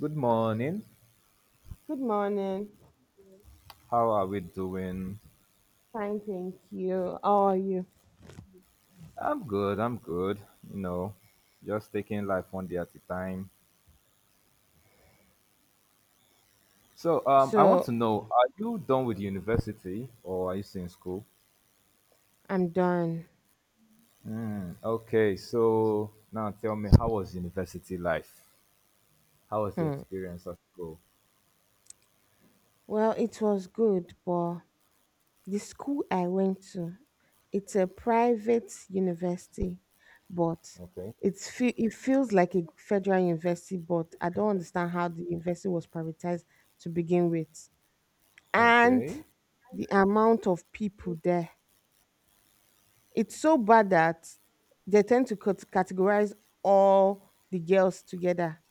Good morning. Good morning. How are we doing? Fine, thank you. How are you? I'm good. You know, just taking life one day at a time. So I want So to know, are you done with university or are you still in school? I'm done. Hmm, okay. So now tell me, how was university life? How was the Hmm. experience of school? Well, it was good, but the school I went to, it's a private university, but Okay. It feels like a federal university, but I don't understand how the university was privatized to begin with, and Okay. the amount of people there. It's so bad that they tend to categorize all the girls together,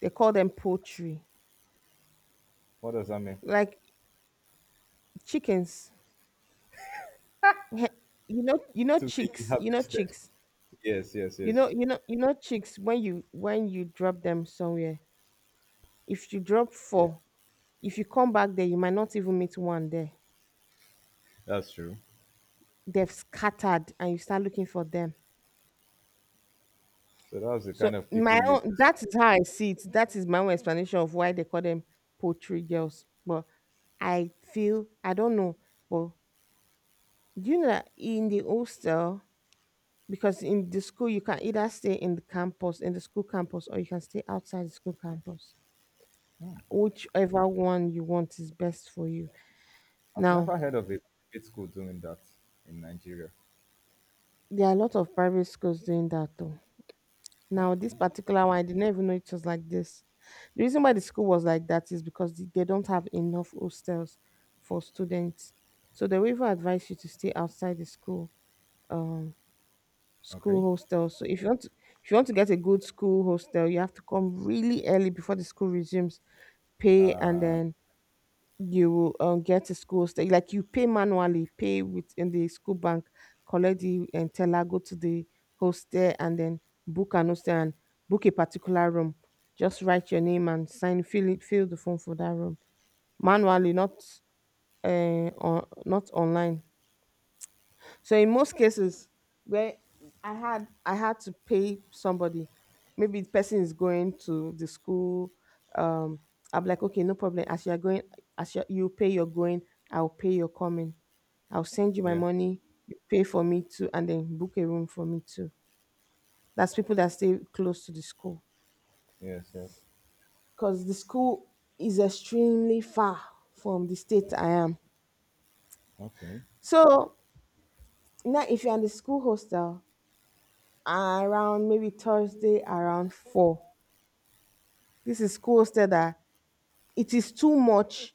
they call them poultry, What does that mean? like chickens. Heh, You know To be chicks. You know harvested. chicks. Yes. Yes. You know, Yes. you know, you know chicks. When you drop them somewhere, if you drop Yeah. four, if you come back there, you might not even meet one there. That's true. They've scattered, and you start looking for them. So that was the So kind of people my you own, that is how I see it. That is my own explanation of why they call them poultry girls. But I feel I don't know, but do you know that in the hostel, because in the school you can either stay in the campus, in the school campus, or you can stay outside the school campus, whichever one you want is best for you I've now. never heard of a private school doing that in Nigeria. There are a lot of private schools doing that, though. Now this Okay. particular one, I didn't even know it was like this. The reason why the school was like that is because they don't have enough hostels for students, so they will even advise you to stay outside the school um Okay. school hostel. So if you want to get a good school hostel, you have to come really early before the school resumes, pay, and then you will get a school hostel. Like you pay manually, pay with in the school bank, collect the and teller, go to the hostel, and then book an hostel and book a particular room. Just write your name and sign, fill it, fill the form for that room manually, not not online. So in most cases where I had to pay somebody, maybe the person is going to the school. Um, I'm like, okay, no problem. As you are going, as you pay your going, I'll pay your coming. I'll send you my Yeah. money. You pay for me too, and then book a room for me too. That's people that stay close to the school, Yes. Yes. because the school is extremely far from the state I am. Okay. So now, if you're in the school hostel, around maybe Thursday around 4. This is school, schools that it is too much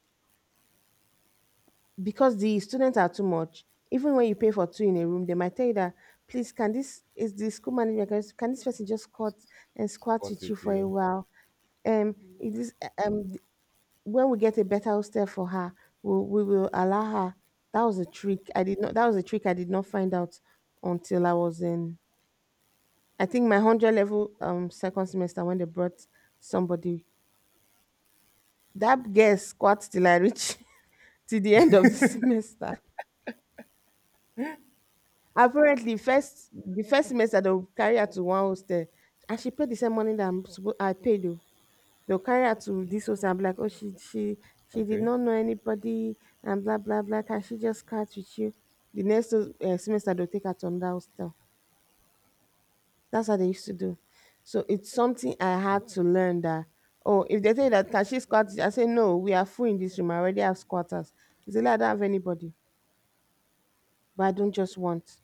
because the students are too much. Even when you pay for two in a room, they might tell you that, please, can this is the school manager, can this person just squat and squat What's with you with for a you? while? It is, um when we get a better hostel for her, we will allow her. That was a trick. I did not. That was a trick. I did not find out until I was in. I think my 100 level second semester when they brought somebody. That girl squats till I reach till the end of the semester. Apparently, first the first semester they'll carry her to one hostel, and she paid the same money that I paid you. They'll carry her to this hostel. I'm like, oh, she did Okay. not know anybody, and blah blah blah. Can she just squat with you? The next semester they'll take her to another hostel. That's how they used to do. So it's something I had to learn that. Oh, if they say that, can Okay. she squat? I say no, we are full in this room, I already have squatters. It's like I don't have anybody. But I don't just want.